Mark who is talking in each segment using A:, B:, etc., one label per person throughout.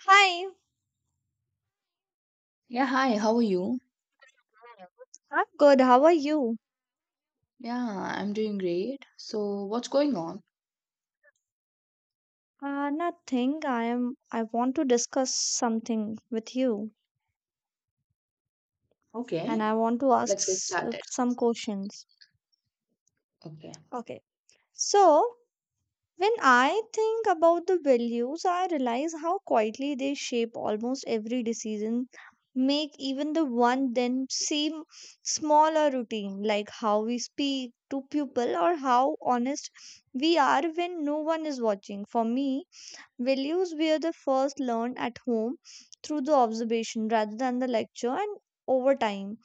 A: Hi,
B: Yeah, hi, how are you?
A: I'm good. How are you?
B: Yeah, I'm doing great. So, what's going on?
A: Nothing. I am. I want to discuss something with you,
B: Okay,
A: and I want to ask
B: let's get started.
A: some questions.
B: Okay.
A: Okay. So, when I think about the values, I realize how quietly they shape almost every decision, make even the one then seem smaller routine, like how we speak to people or how honest we are when no one is watching. For me, values were the first learned at home through the observation rather than the lecture and over time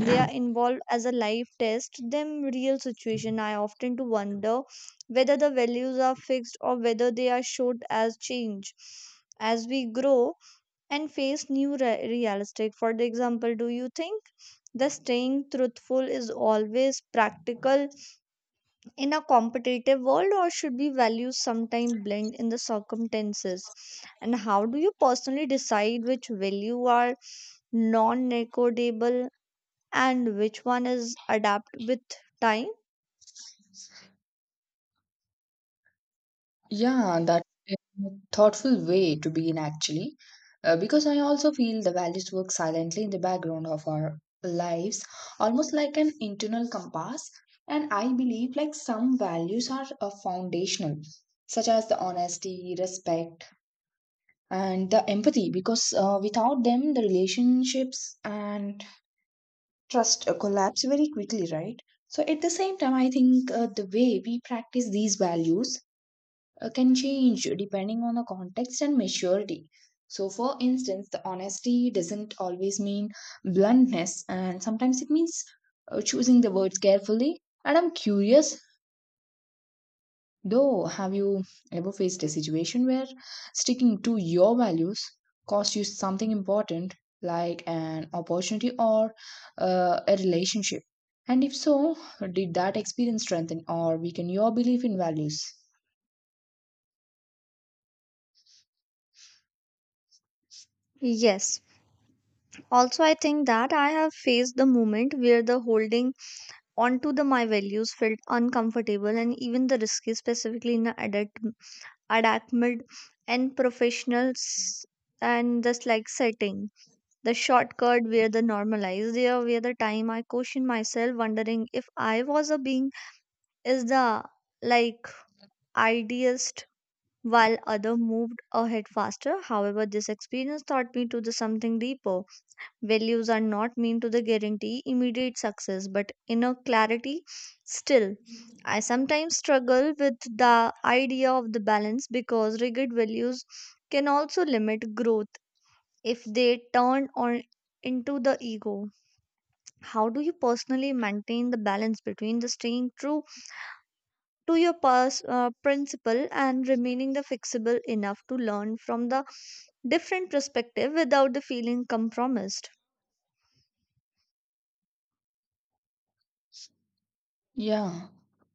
A: they are involved as a life test them real situation. I often to wonder whether the values are fixed or whether they are showed as change as we grow and face new realistic. For the example, do you think the staying truthful is always practical in a competitive world, or should be values sometimes blend in the circumstances, and how do you personally decide which value are non-negotiable and which one is adapt with time?
B: Yeah, that's a thoughtful way to begin because I also feel the values work silently in the background of our lives, almost like an internal compass. And I believe like some values are foundational, such as the honesty, respect, and the empathy, because without them, the relationships and trust collapse very quickly, right? So, at the same time, I think the way we practice these values can change depending on the context and maturity. So, for instance, the honesty doesn't always mean bluntness, and sometimes it means choosing the words carefully. And I'm curious though, have you ever faced a situation where sticking to your values cost you something important, like an opportunity or a relationship? And if so, did that experience strengthen or weaken your belief in values?
A: Yes, also I think that I have faced the moment where the holding onto the my values felt uncomfortable and even the risky, specifically in the adult and professionals, and this like setting the shortcut where the normalized. There where the time I question myself wondering if I was a being, is the, like, idealist while other moved ahead faster. However, this experience taught me to the something deeper. Values are not mean to the guarantee immediate success but inner clarity. Still, I sometimes struggle with the idea of the balance because rigid values can also limit growth if they turn on into the ego. How do you personally maintain the balance between the staying true to your principle and remaining the flexible enough to learn from the different perspective without the feeling compromised?
B: Yeah,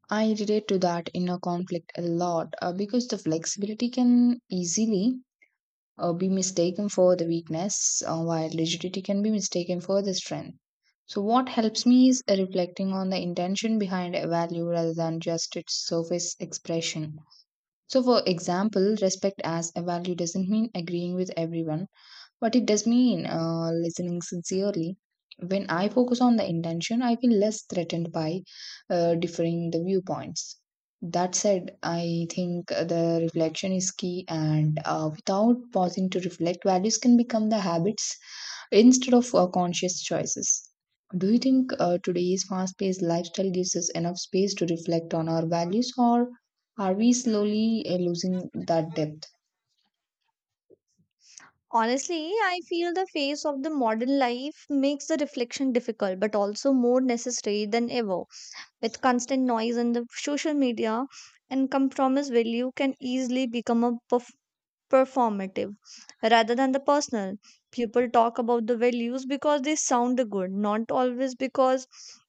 B: I relate to that inner conflict a lot because the flexibility can easily be mistaken for the weakness, while rigidity can be mistaken for the strength. So, what helps me is reflecting on the intention behind a value rather than just its surface expression. So, for example, respect as a value doesn't mean agreeing with everyone but it does mean listening sincerely. When I focus on the intention, I feel less threatened by differing the viewpoints. That said, I think the reflection is key, and without pausing to reflect, values can become the habits instead of conscious choices. Do you think today's fast paced lifestyle gives us enough space to reflect on our values, or are we slowly losing that depth?
A: Honestly, I feel the phase of the modern life makes the reflection difficult but also more necessary than ever. With constant noise and the social media and compromise, value can easily become a performative rather than the personal. People talk about the values because they sound good, not always because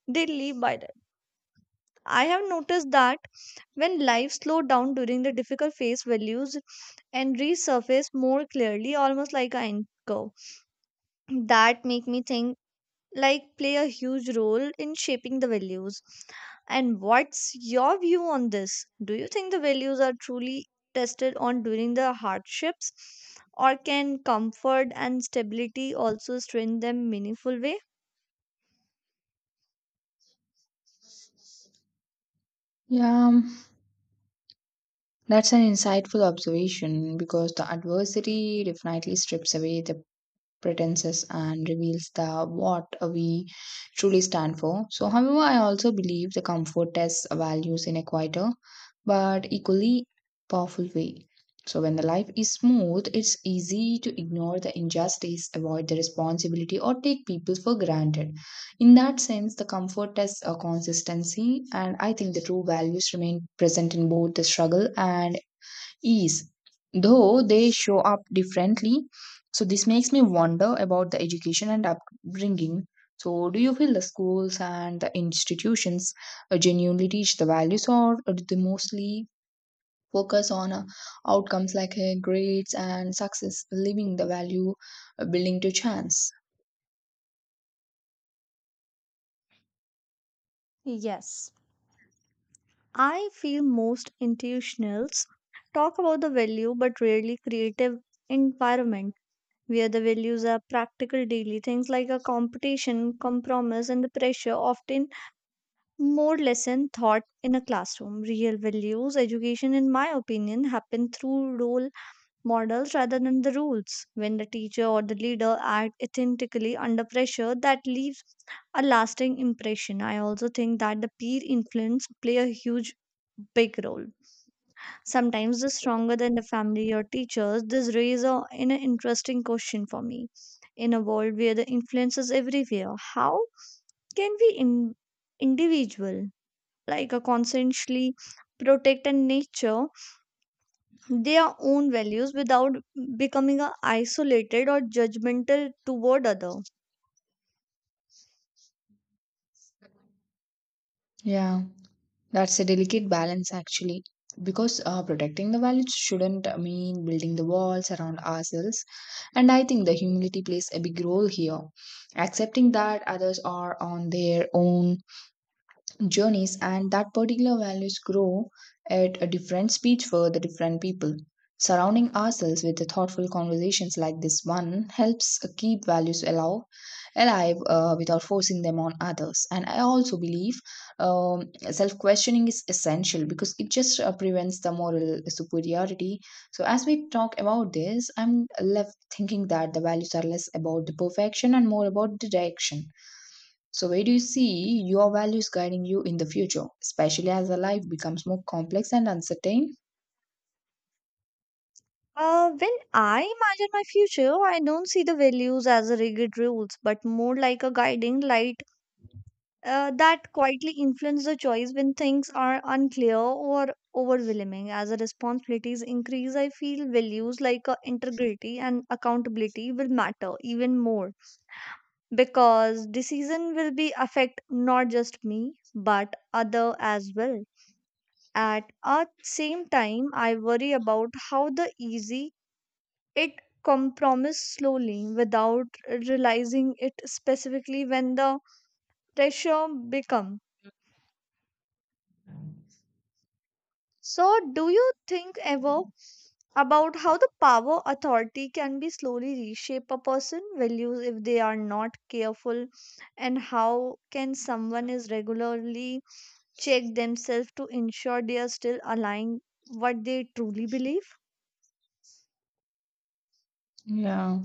A: they live by that. I have noticed that when life slowed down during the difficult phase, values and resurface more clearly, almost like an anchor that make me think like play a huge role in shaping the values. And what's your view on this? Do you think the values are truly tested on during the hardships, or can comfort and stability also strengthen them meaningful way?
B: Yeah, that's an insightful observation because the adversity definitely strips away the pretenses and reveals the what we truly stand for. So, however, I also believe the comfort tests values in a quieter but equally powerful way. So, when the life is smooth, it's easy to ignore the injustice, avoid the responsibility, or take people for granted. In that sense, the comfort tests a consistency, and I think the true values remain present in both the struggle and ease, though they show up differently. So, this makes me wonder about the education and upbringing. So, do you feel the schools and the institutions genuinely teach the values, or do they mostly focus on outcomes like grades and success, leaving the value building to chance?
A: Yes, I feel most institutionals talk about the value but rarely creative environment where the values are practical daily. Things like a competition, compromise and the pressure often more lesson thought in a classroom. Real values education, in my opinion, happen through role models rather than the rules. When the teacher or the leader act authentically under pressure, that leaves a lasting impression. I also think that the peer influence play a huge big role, sometimes the stronger than the family or teachers. This raises a, in an interesting question for me. In a world where the influence is everywhere, how can we in, individual, like a consciously protect and nature their own values without becoming a isolated or judgmental toward other?
B: Yeah. That's a delicate balance, actually, because protecting the values shouldn't mean building the walls around ourselves. And I think the humility plays a big role here. Accepting that others are on their own journeys and that particular values grow at a different speed for the different people, surrounding ourselves with the thoughtful conversations like this one helps keep values alive without forcing them on others. And I also believe um, self-questioning is essential because it just prevents the moral superiority. So as we talk about this, I'm left thinking that the values are less about the perfection and more about the direction. So, where do you see your values guiding you in the future, especially as a life becomes more complex and uncertain?
A: When I imagine my future, I don't see the values as a rigid rules, but more like a guiding light that quietly influence the choice when things are unclear or overwhelming. As the responsibilities increase, I feel values like integrity and accountability will matter even more, because decision will be affect not just me but other as well. At a same time, I worry about how the easy it compromise slowly without realizing it, specifically when the pressure become. So do you think ever about how the power authority can be slowly reshape a person values if they are not careful, and how can someone is regularly check themselves to ensure they are still aligning what they truly believe?
B: Yeah.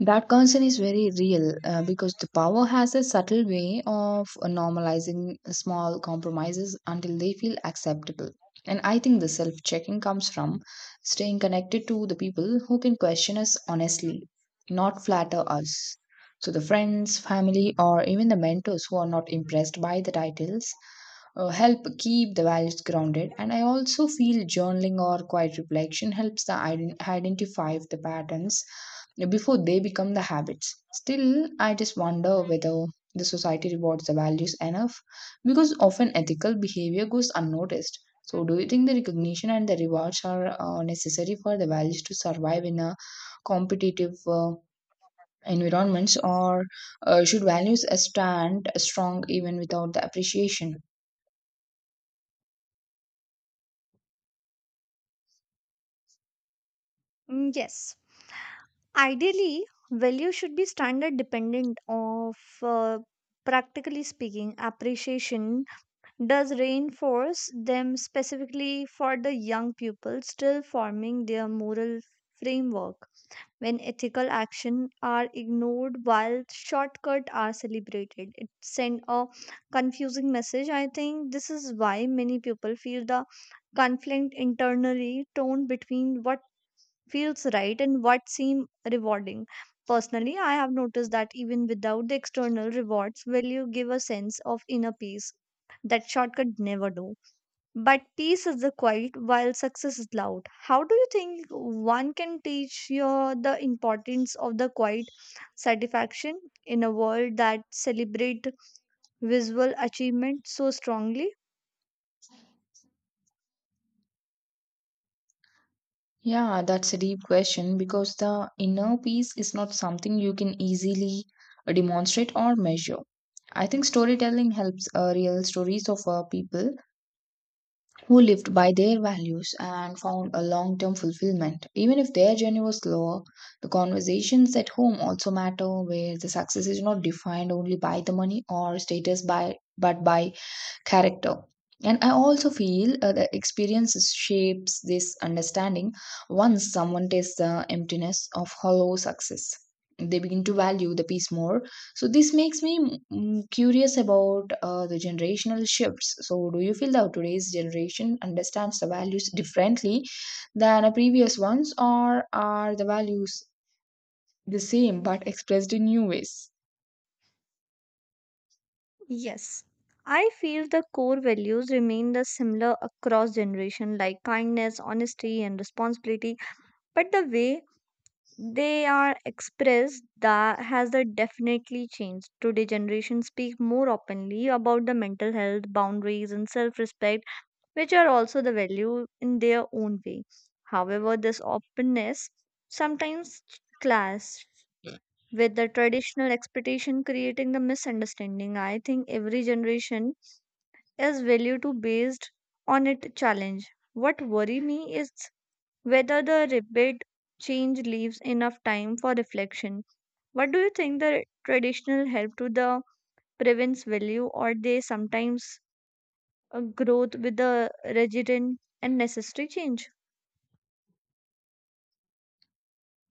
B: That concern is very real because the power has a subtle way of normalizing small compromises until they feel acceptable. And I think the self checking comes from staying connected to the people who can question us honestly, not flatter us. So, the friends, family, or even the mentors who are not impressed by the titles help keep the values grounded. And I also feel journaling or quiet reflection helps the identify the patterns before they become the habits. Still, I just wonder whether the society rewards the values enough because often ethical behavior goes unnoticed. So, do you think the recognition and the rewards are necessary for the values to survive in a competitive environments, or should values stand strong even without the appreciation?
A: Mm, yes, ideally value should be standard dependent of, uh, practically speaking, appreciation does reinforce them, specifically for the young people still forming their moral framework. When ethical action are ignored while shortcuts are celebrated, it sends a confusing message. I think this is why many people feel the conflict internally, torn between what feels right and what seems rewarding. Personally, I have noticed that even without the external rewards, value you give a sense of inner peace that shortcut never do. But peace is the quiet while success is loud. How do you think one can teach your the importance of the quiet satisfaction in a world that celebrate visual achievement so strongly?
B: Yeah, that's a deep question because the inner peace is not something you can easily demonstrate or measure. I think storytelling helps, real stories of people who lived by their values and found a long term fulfillment. Even if their journey was slower, the conversations at home also matter, where the success is not defined only by the money or status, but by character. And I also feel the experiences shapes this understanding. Once someone tastes the emptiness of hollow success, they begin to value the peace more. So this makes me curious about the generational shifts. So do you feel that today's generation understands the values differently than the previous ones, or are the values the same but expressed in new ways?
A: Yes, I feel the core values remain the similar across generation, like kindness, honesty and responsibility, but the way they are expressed, that has that definitely changed. Today generations speak more openly about the mental health boundaries and self-respect, which are also the value in their own way. However, this openness sometimes clash with the traditional expectation, creating the misunderstanding. I think every generation is value to based on its challenge. What worry me is whether the rapid change leaves enough time for reflection. What do you think, the traditional help to the prevents value, or they sometimes growth with the resident and necessary change?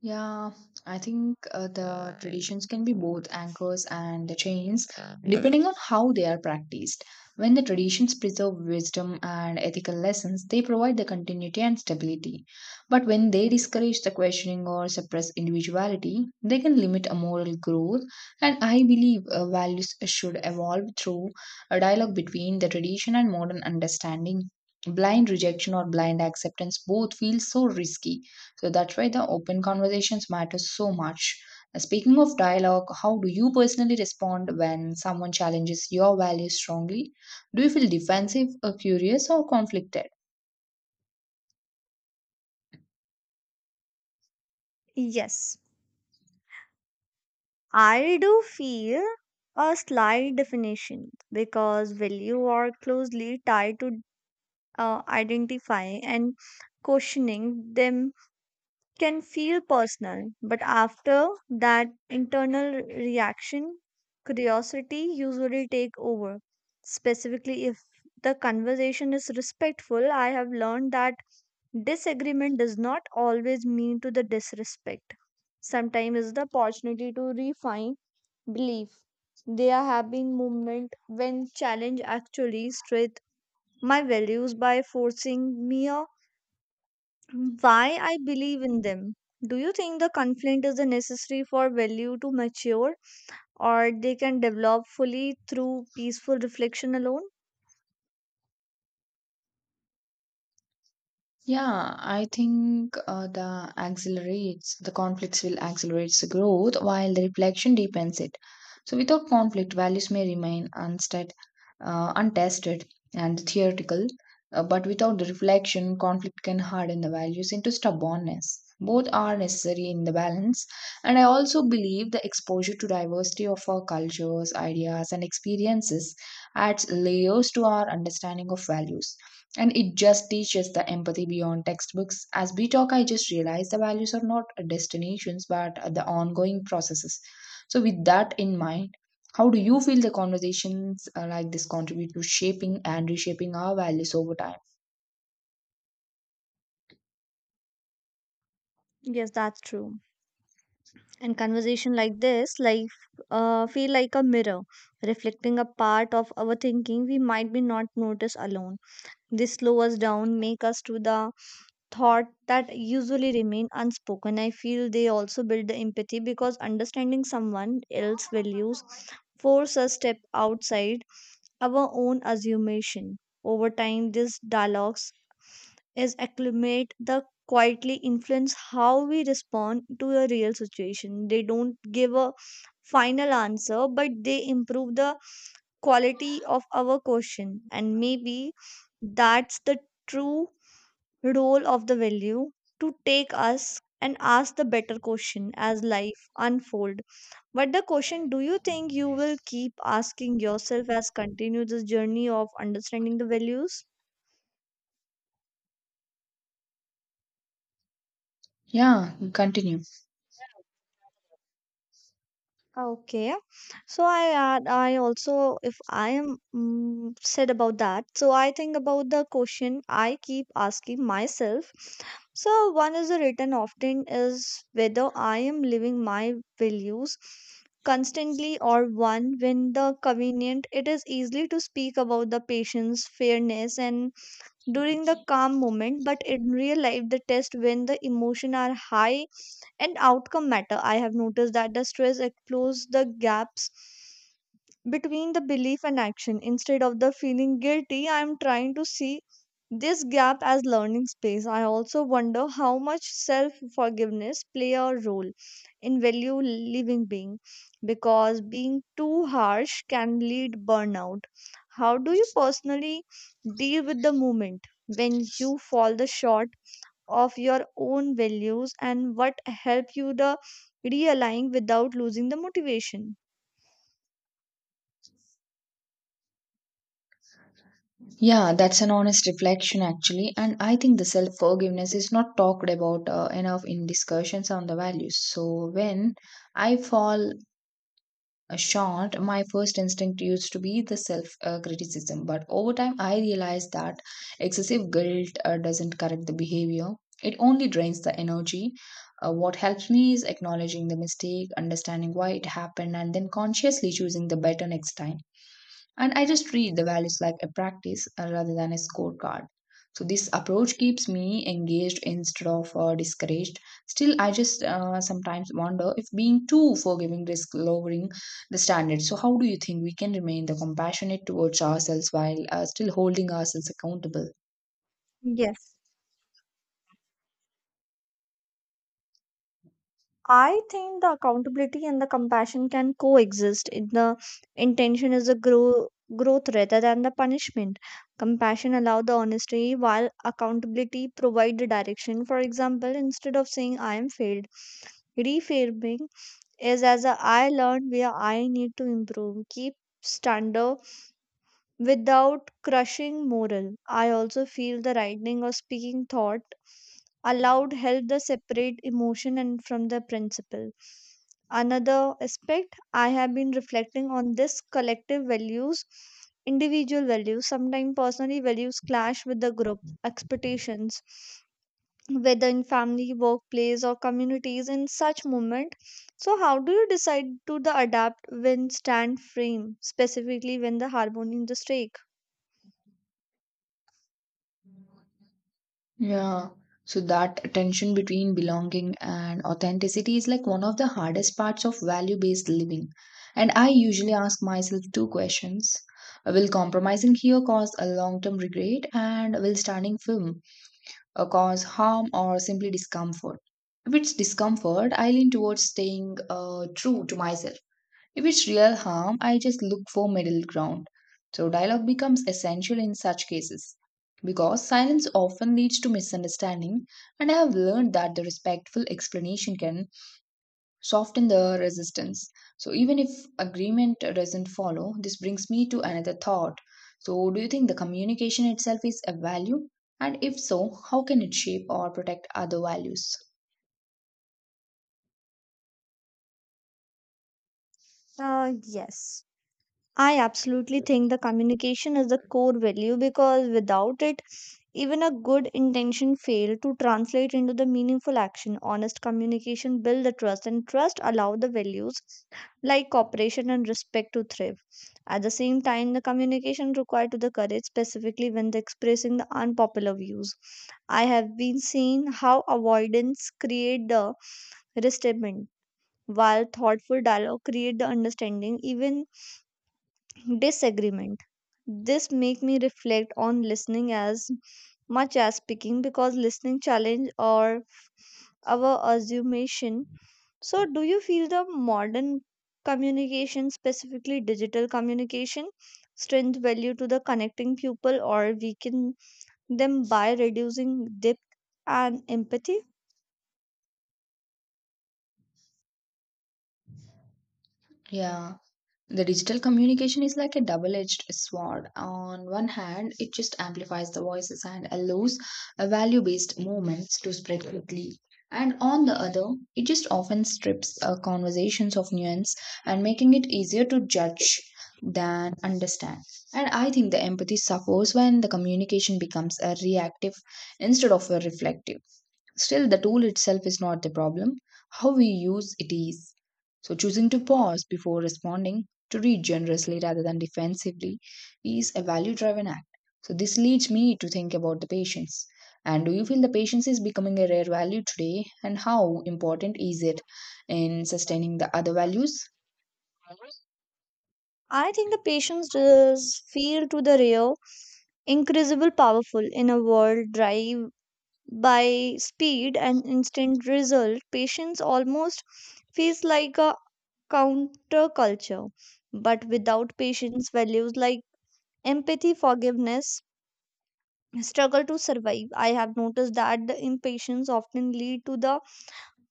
B: Yeah, I think the traditions can be both anchors and the chains depending on how they are practiced. When the traditions preserve wisdom and ethical lessons, they provide the continuity and stability. But when they discourage the questioning or suppress individuality, they can limit a moral growth. And I believe values should evolve through a dialogue between the tradition and modern understanding. Blind rejection or blind acceptance both feel so risky, so that's why the open conversations matter so much. Speaking of dialogue, how do you personally respond when someone challenges your values strongly? Do you feel defensive, or curious, or conflicted?
A: Yes, I do feel a slight definition because value are closely tied to identifying, and questioning them can feel personal, but after that internal reaction, curiosity usually take over. Specifically, if the conversation is respectful, I have learned that disagreement does not always mean to the disrespect. Sometimes it's the opportunity to refine belief. There have been moments when challenge actually strength my values by forcing me why I believe in them. Do you think the conflict is a necessary for value to mature, or they can develop fully through peaceful reflection alone?
B: Yeah, I think the conflicts will accelerate the growth while the reflection deepens it. So without conflict, values may remain unstead, untested and theoretical, but without the reflection, conflict can harden the values into stubbornness. Both are necessary in the balance, and I also believe the exposure to diversity of our cultures, ideas, and experiences adds layers to our understanding of values, and it just teaches the empathy beyond textbooks. As we talk, I just realized the values are not destinations but the ongoing processes. So with that in mind, how do you feel the conversations like this contribute to shaping and reshaping our values over time?
A: Yes, that's true. And conversation like this, feel like a mirror, reflecting a part of our thinking we might be not notice alone. They slow us down, make us to the thought that usually remain unspoken. I feel they also build the empathy because understanding someone else's values force us step outside our own assumption. Over time, these dialogues is acclimate the quietly influence how we respond to a real situation. They don't give a final answer, but they improve the quality of our question. And maybe that's the true role of the value, to take us and ask the better question as life unfold. But the question, do you think you will keep asking yourself as continue this journey of understanding the values?
B: Yeah, continue.
A: Okay, so I also, if I am mm said about that, so I think about the question I keep asking myself. So one is the written often is whether I am living my values constantly or one when the convenient. It is easily to speak about the patience, fairness, and during the calm moment, but in real life the test when the emotion are high and outcome matter. I have noticed that the stress explores the gaps between the belief and action. Instead of the feeling guilty, I am trying to see this gap as learning space. I also wonder how much self forgiveness play a role in value living being, because being too harsh can lead burnout. How do you personally deal with the moment when you fall the short of your own values, and what help you the realign without losing the motivation?
B: Yeah, that's an honest reflection actually, and I think the self forgiveness is not talked about enough in discussions on the values. So when I fall short, my first instinct used to be the self criticism. But over time, I realized that excessive guilt doesn't correct the behavior, it only drains the energy. What helps me is acknowledging the mistake, understanding why it happened, and then consciously choosing the better next time. And I just treat the values like a practice rather than a scorecard. So this approach keeps me engaged instead of discouraged. Still, I just sometimes wonder if being too forgiving risks lowering the standard. So how do you think we can remain the compassionate towards ourselves while still holding ourselves accountable?
A: Yes, I think the accountability and the compassion can coexist in the intention is a growth rather than the punishment. Compassion allow the honesty while accountability provide the direction. For example, instead of saying I am failed, reframing is as a I learned where I need to improve. Keep standard without crushing moral. I also feel the writing or speaking thought aloud help the separate emotion and from the principle. Another aspect I have been reflecting on, this collective values, individual values, sometimes personally values clash with the group expectations, whether in family, workplace, or communities in such moment. So how do you decide to the adapt when stand frame, specifically when the harmony is the stake?
B: Yeah. So that tension between belonging and authenticity is like one of the hardest parts of value-based living. And I usually ask myself two questions. Will compromising here cause a long-term regret, and will standing firm cause harm or simply discomfort? If it's discomfort, I lean towards staying true to myself. If it's real harm, I just look for middle ground. So dialogue becomes essential in such cases because silence often leads to misunderstanding, and I have learned that the respectful explanation can soften the resistance. So even if agreement doesn't follow, this brings me to another thought. So do you think the communication itself is a value? And if so, how can it shape or protect other values?
A: Yes, I absolutely think the communication is the core value because without it, even a good intention fail to translate into the meaningful action. Honest communication build the trust, and trust allow the values like cooperation and respect to thrive. At the same time, the communication required to the courage, specifically when the expressing the unpopular views. I have been seeing how avoidance create the resentment, while thoughtful dialogue create the understanding. Even disagreement. This make me reflect on listening as much as speaking because listening challenge or our assumption. So do you feel the modern communication, specifically digital communication, strength value to the connecting people or weaken them by reducing depth and empathy?
B: Yeah, the digital communication is like a double edged sword. On one hand, it just amplifies the voices and allows value based movements to spread quickly. And on the other, it just often strips conversations of nuance and making it easier to judge than understand. And I think the empathy suffers when the communication becomes a reactive instead of a reflective. Still, the tool itself is not the problem, how we use it is. So, choosing to pause before responding, to read generously rather than defensively, is a value driven act. So, this leads me to think about the patience. And do you feel the patience is becoming a rare value today? And how important is it in sustaining the other values?
A: I think the patience does feel to the real increasable powerful. In a world drive by speed and instant result, patience almost feels like a counterculture. But without patience, values like empathy, forgiveness, struggle to survive. I have noticed that the impatience often lead to the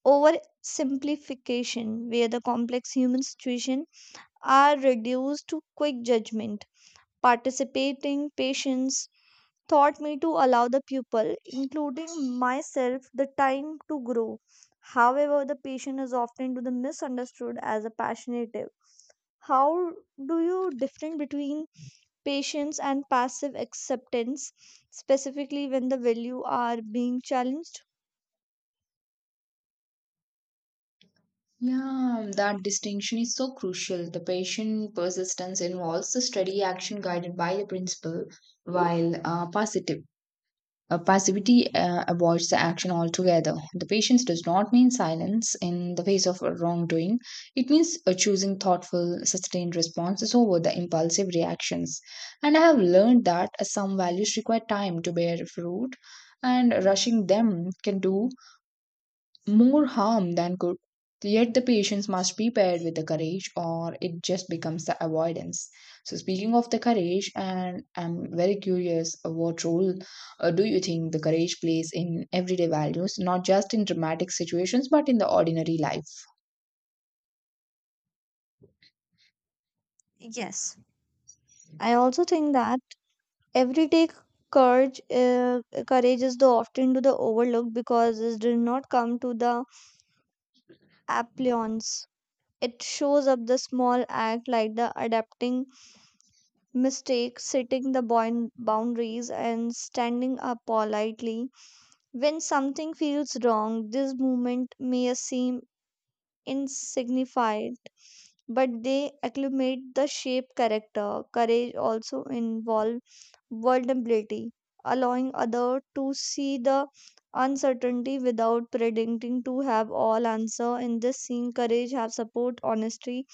A: oversimplification, where the complex human situation are reduced to quick judgment. Participating patience taught me to allow the pupil, including myself, the time to grow. However, the patient is often to the misunderstood as a passionative. How do you different between patience and passive acceptance, specifically when the value are being challenged?
B: Yeah, that distinction is so crucial. The patient persistence involves the steady action guided by the principle, while positive passivity avoids the action altogether. The patience does not mean silence in the face of wrongdoing. It means choosing thoughtful, sustained responses over the impulsive reactions. And I have learned that some values require time to bear fruit, and rushing them can do more harm than good. Yet the patience must be paired with the courage, or it just becomes the avoidance. So, speaking of the courage, and I'm very curious, what role do you think the courage plays in everyday values, not just in dramatic situations, but in the ordinary life?
A: Yes, I also think that everyday courage, uh, courage is the often to the overlook because it did not come to the applause. It shows up the small act like the adapting mistakes, setting the boundaries, and standing up politely when something feels wrong. This movement may seem insignificant, but they acclimate the shape character. Courage also involves vulnerability, allowing other to see the uncertainty without predicting to have all answer. In this scene, courage have support, honesty,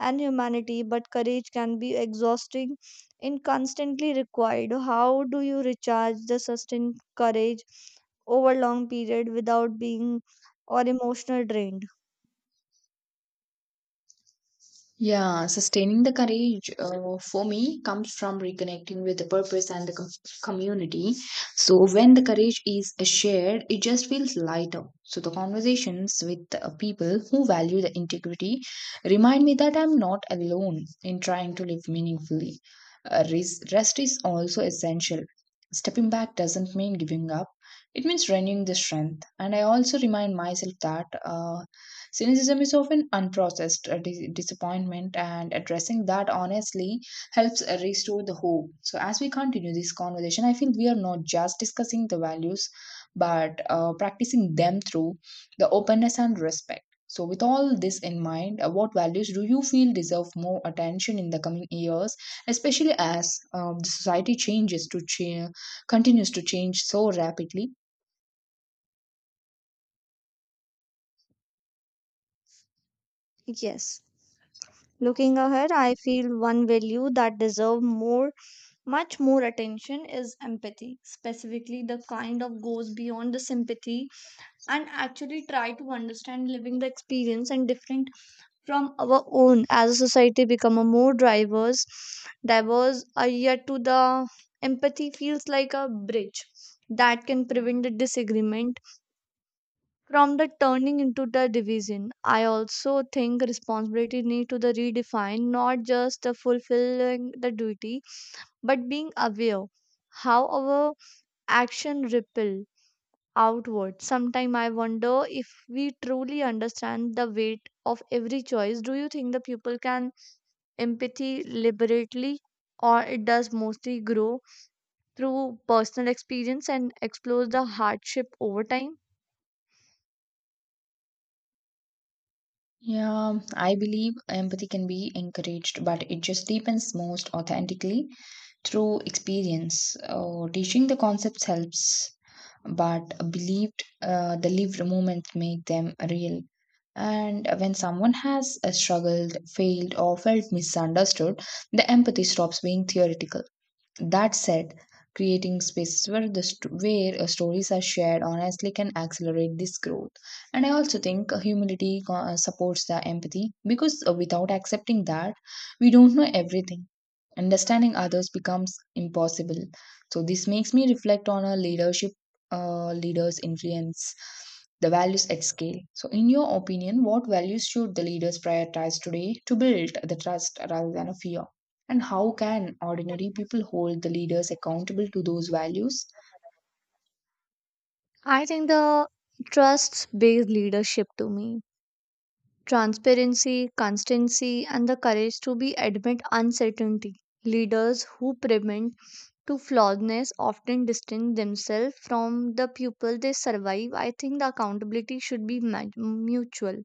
A: and humanity, but courage can be exhausting and constantly required. How do you recharge the sustained courage over long period without being or emotional drained?
B: Yeah, sustaining the courage for me comes from reconnecting with the purpose and the community. So, when the courage is shared, it just feels lighter. So, the conversations with people who value the integrity remind me that I'm not alone in trying to live meaningfully. Rest is also essential. Stepping back doesn't mean giving up, it means renewing the strength. And I also remind myself that. Cynicism is often unprocessed disappointment, and addressing that honestly helps restore the hope. So, as we continue this conversation, I feel we are not just discussing the values but practicing them through the openness and respect. So, with all this in mind, what values do you feel deserve more attention in the coming years, especially as the society changes to cha- continues to change so rapidly?
A: Yes. Looking ahead, I feel one value that deserve much more attention is empathy, specifically the kind of goes beyond the sympathy and actually try to understand living the experience and different from our own. As a society become a more drivers, diverse, yet to the empathy feels like a bridge that can prevent the disagreement from the turning into the division. I also think responsibility need to the redefine, not just the fulfilling the duty but being aware how our action ripple outward. Sometime I wonder if we truly understand the weight of every choice. Do you think the people can empathy liberately, or it does mostly grow through personal experience and explores the hardship over time?
B: Yeah, I believe empathy can be encouraged, but it just deepens most authentically through experience. Teaching the concepts helps, but believed the lived moments make them real. And when someone has struggled, failed, or felt misunderstood, the empathy stops being theoretical. That said, creating spaces where stories are shared honestly can accelerate this growth. And I also think humility supports the empathy because without accepting that, we don't know everything. Understanding others becomes impossible. So this makes me reflect on a leadership leader's influence, the values at scale. So, in your opinion, what values should the leaders prioritize today to build the trust rather than a fear? And how can ordinary people hold the leaders accountable to those values?
A: I think the trust based leadership to me transparency, constancy, and the courage to be admit uncertainty. Leaders who prevent to flawedness often distance themselves from the people they survive. I think the accountability should be mutual,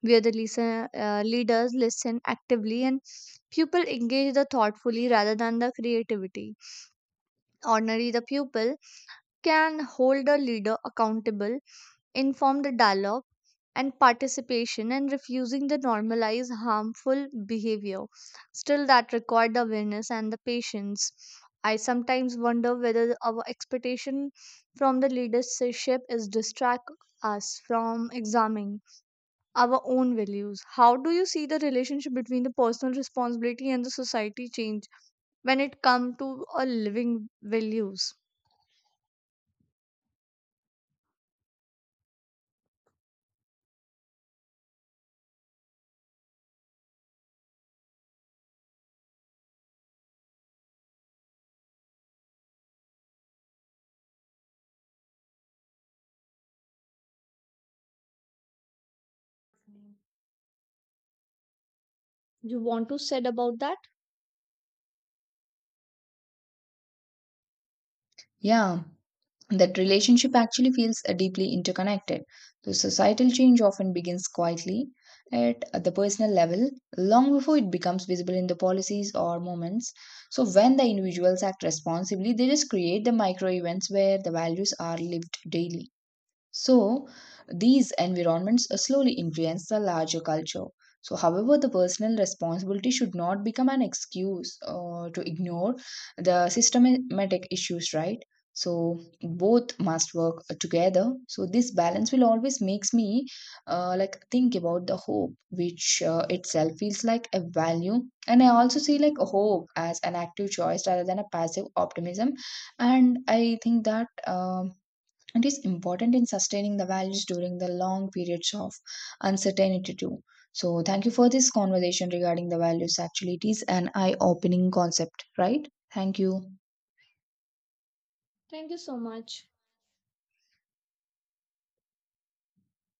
A: where the leaders listen actively and pupil engage the thoughtfully rather than the creativity. Ordinary, the pupil can hold the leader accountable, inform the dialogue and participation and refusing the normalize harmful behavior. Still, that required the awareness and the patience. I sometimes wonder whether our expectation from the leadership is distract us from examining our own values. How do you see the relationship between the personal responsibility and the society change when it comes to a living values? You want to said about that,
B: Yeah, that relationship actually feels deeply interconnected. The societal change often begins quietly at the personal level long before it becomes visible in the policies or moments. So, when the individuals act responsibly, they just create the micro events where the values are lived daily. So these environments slowly influence the larger culture. So, however, the personal responsibility should not become an excuse to ignore the systematic issues, right? So both must work together. So this balance will always makes me like think about the hope, which itself feels like a value. And I also see like a hope as an active choice rather than a passive optimism. And I think that it is important in sustaining the values during the long periods of uncertainty, too. So, thank you for this conversation regarding the values. Actually, it is an eye opening concept, right? Thank you.
A: Prince?